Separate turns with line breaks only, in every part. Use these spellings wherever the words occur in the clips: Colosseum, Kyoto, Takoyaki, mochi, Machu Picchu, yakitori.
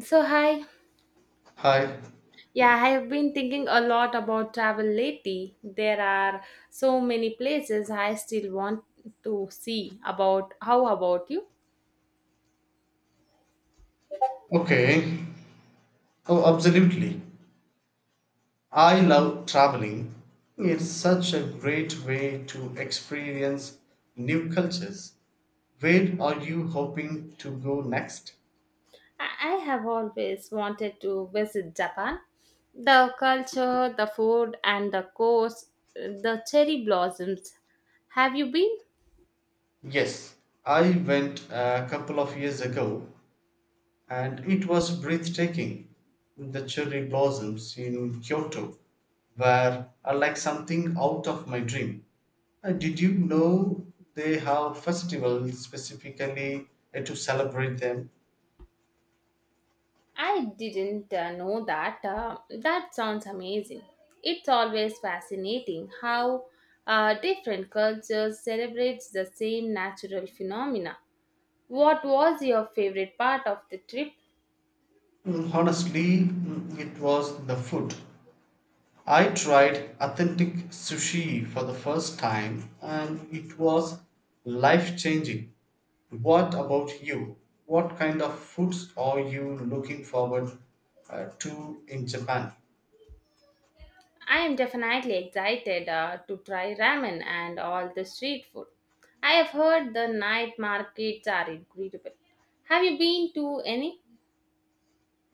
So, hi.
Hi.
Yeah, I have been thinking a lot about travel lately. There are so many places I still want to see. About how about you?
Okay. Oh, absolutely. I love traveling. It's such a great way to experience new cultures. Where are you hoping to go next?
I have always wanted to visit Japan. The culture, the food, and the coast, the cherry blossoms. Have you been?
Yes, I went a couple of years ago and it was breathtaking. The cherry blossoms in Kyoto were are like something out of my dream. Did you know they have festivals specifically to celebrate them?
I didn't know that. That sounds amazing. It's always fascinating how different cultures celebrates the same natural phenomena. What was your favorite part of the trip?
Honestly, it was the food. I tried authentic sushi for the first time and it was life changing. What about you? What kind of foods are you looking forward to in Japan?
I am definitely excited to try ramen and all the street food. I have heard the night markets are incredible. Have you been to any?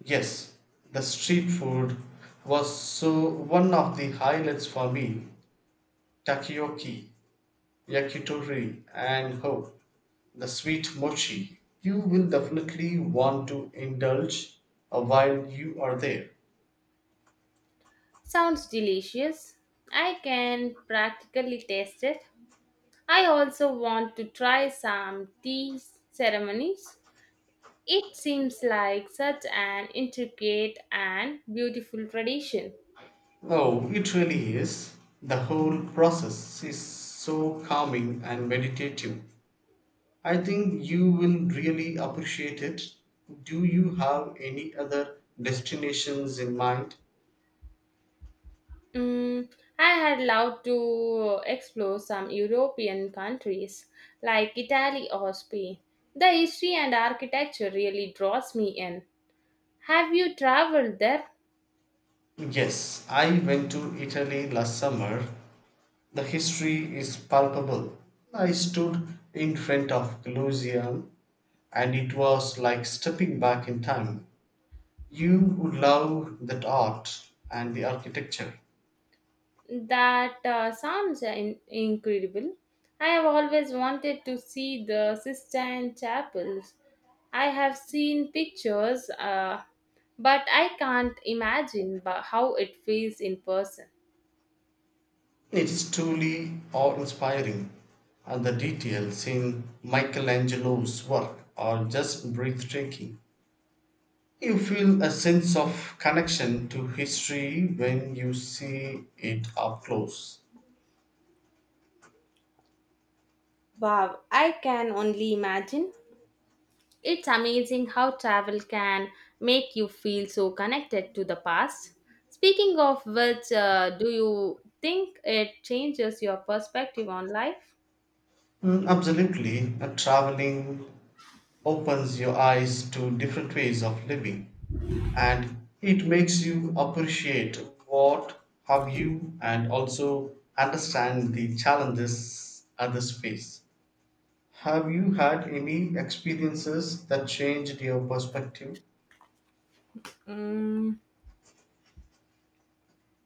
Yes, the street food was so one of the highlights for me. Takoyaki, yakitori, and ho, the sweet mochi. You will definitely want to indulge while you are there.
Sounds delicious. I can practically taste it. I also want to try some tea ceremonies. It seems like such an intricate and beautiful tradition.
Oh, it really is. The whole process is so calming and meditative. I think you will really appreciate it. Do you have any other destinations in mind?
Mm, I had loved to explore some European countries like Italy or Spain. The history and architecture really draws me in. Have you traveled there?
Yes, I went to Italy last summer. The history is palpable. I stood in front of Colosseum and it was like stepping back in time. You would love that art and the architecture.
That sounds incredible. I have always wanted to see the Sistine Chapels. I have seen pictures, but I can't imagine how it feels in person.
It is truly awe inspiring, and the details in Michelangelo's work are just breathtaking. You feel a sense of connection to history when you see it up close.
Wow, I can only imagine. It's amazing how travel can make you feel so connected to the past. Speaking of which, do you think it changes your perspective on life?
Absolutely, and traveling opens your eyes to different ways of living and it makes you appreciate what have you and also understand the challenges others face. Have you had any experiences that changed your perspective?
Mm,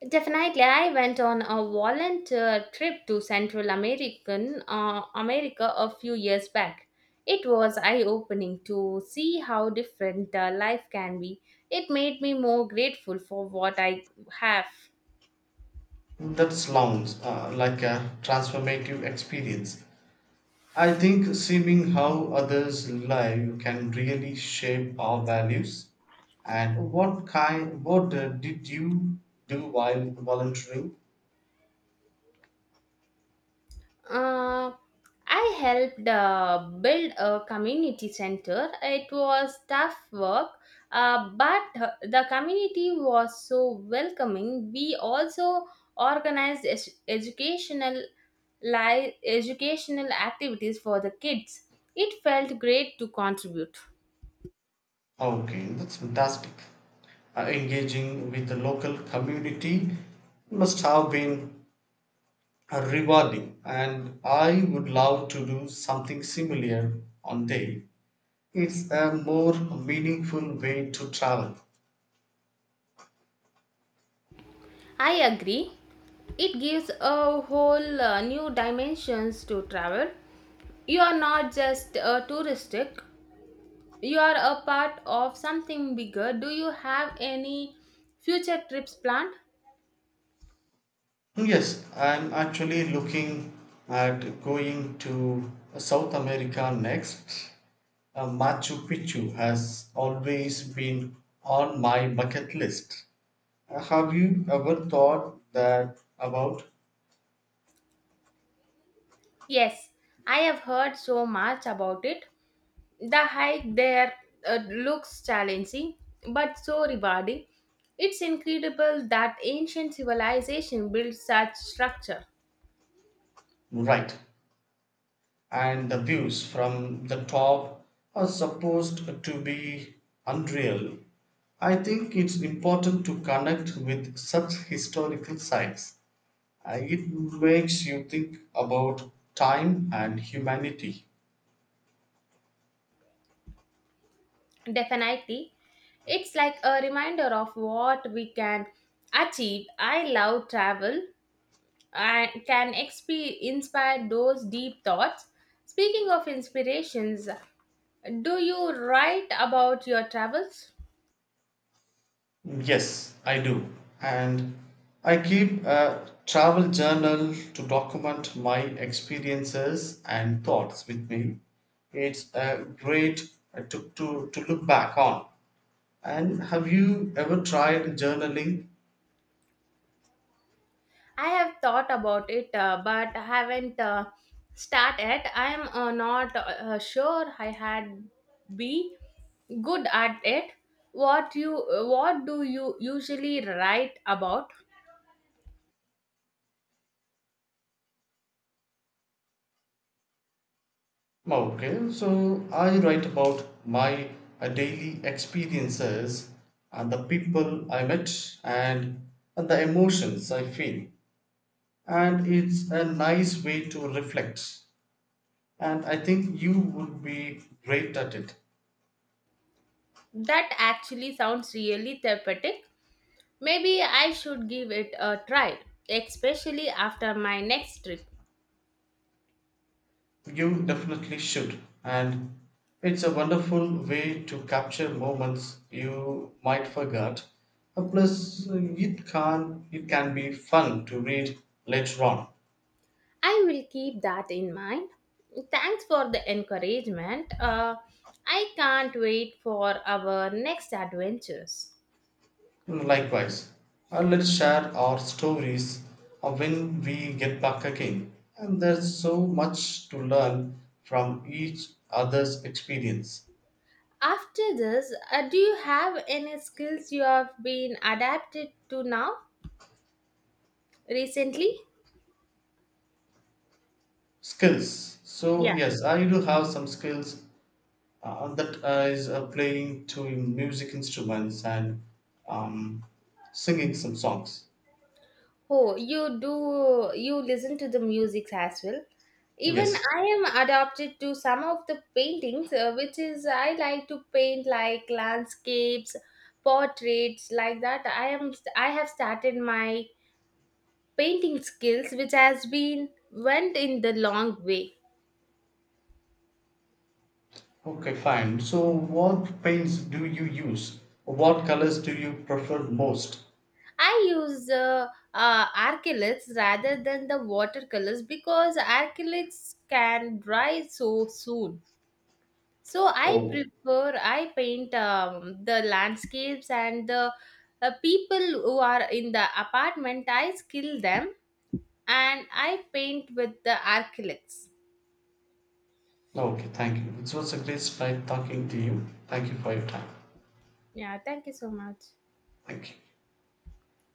Definitely, I went on a volunteer trip to Central American America a few years back. It was eye-opening to see how different life can be. It made me more grateful for what I have.
That sounds like a transformative experience. I think seeing how others live can really shape our values. And what did you do while volunteering?
Uh, I helped build a community center. It was tough work, but the community was so welcoming. We also organized educational educational activities for the kids. It felt great to contribute.
Okay, that's fantastic. Engaging with the local community must have been rewarding, and I would love to do something similar on day. It's a more meaningful way to travel.
I agree. It gives a whole new dimensions to travel. You are not just a touristic you are a part of something bigger. Do you have any future trips planned?
Yes, I'm actually looking at going to South America next. Machu Picchu has always been on my bucket list. Have you ever thought that about?
Yes, I have heard so much about it. The hike there looks challenging but so rewarding. It's incredible that ancient civilization built such structure.
Right. And the views from the top are supposed to be unreal. I think it's important to connect with such historical sites. It makes you think about time and humanity.
Definitely, it's like a reminder of what we can achieve. I love travel, and can inspire those deep thoughts. Speaking of inspirations, do you write about your travels?
Yes, I do. And I keep a travel journal to document my experiences and thoughts with me. It's a great to look back on. And have you ever tried journaling?
I have thought about it, but I haven't started yet. I am not sure I had be good at it. What you what do you usually write about?
Okay, so I write about my daily experiences and the people I met and, and the emotions I feel. And it's a nice way to reflect. And I think you would be great at it.
That actually sounds really therapeutic. Maybe I should give it a try, especially after my next trip.
You definitely should. And it's a wonderful way to capture moments you might forget. Plus, it can be fun to read later on.
I will keep that in mind. Thanks for the encouragement. I can't wait for our next adventures.
Likewise, let's share our stories when we get back again. And there's so much to learn from each other's experience.
After this, do you have any skills you have been adapted to now recently?
Skills. So
Yeah.
yes, I do have some skills that is playing two music instruments and um, singing some songs.
Oh, you do, you listen to the music as well. Even
Yes.
I am adopted to some of the paintings, which is I like to paint like landscapes, portraits, like that. I have started my painting skills, which has been went in the long way.
Okay, fine. So, what paints do you use? What colors do you prefer most?
I use acrylics rather than the watercolors because acrylics can dry so soon. So I
Oh,
prefer I paint the landscapes and the people who are in the apartment. I skill them and I paint with the acrylics.
okay. Thank you. It was a great time talking to you. Thank you for your time.
Yeah, thank you so much.
Thank you.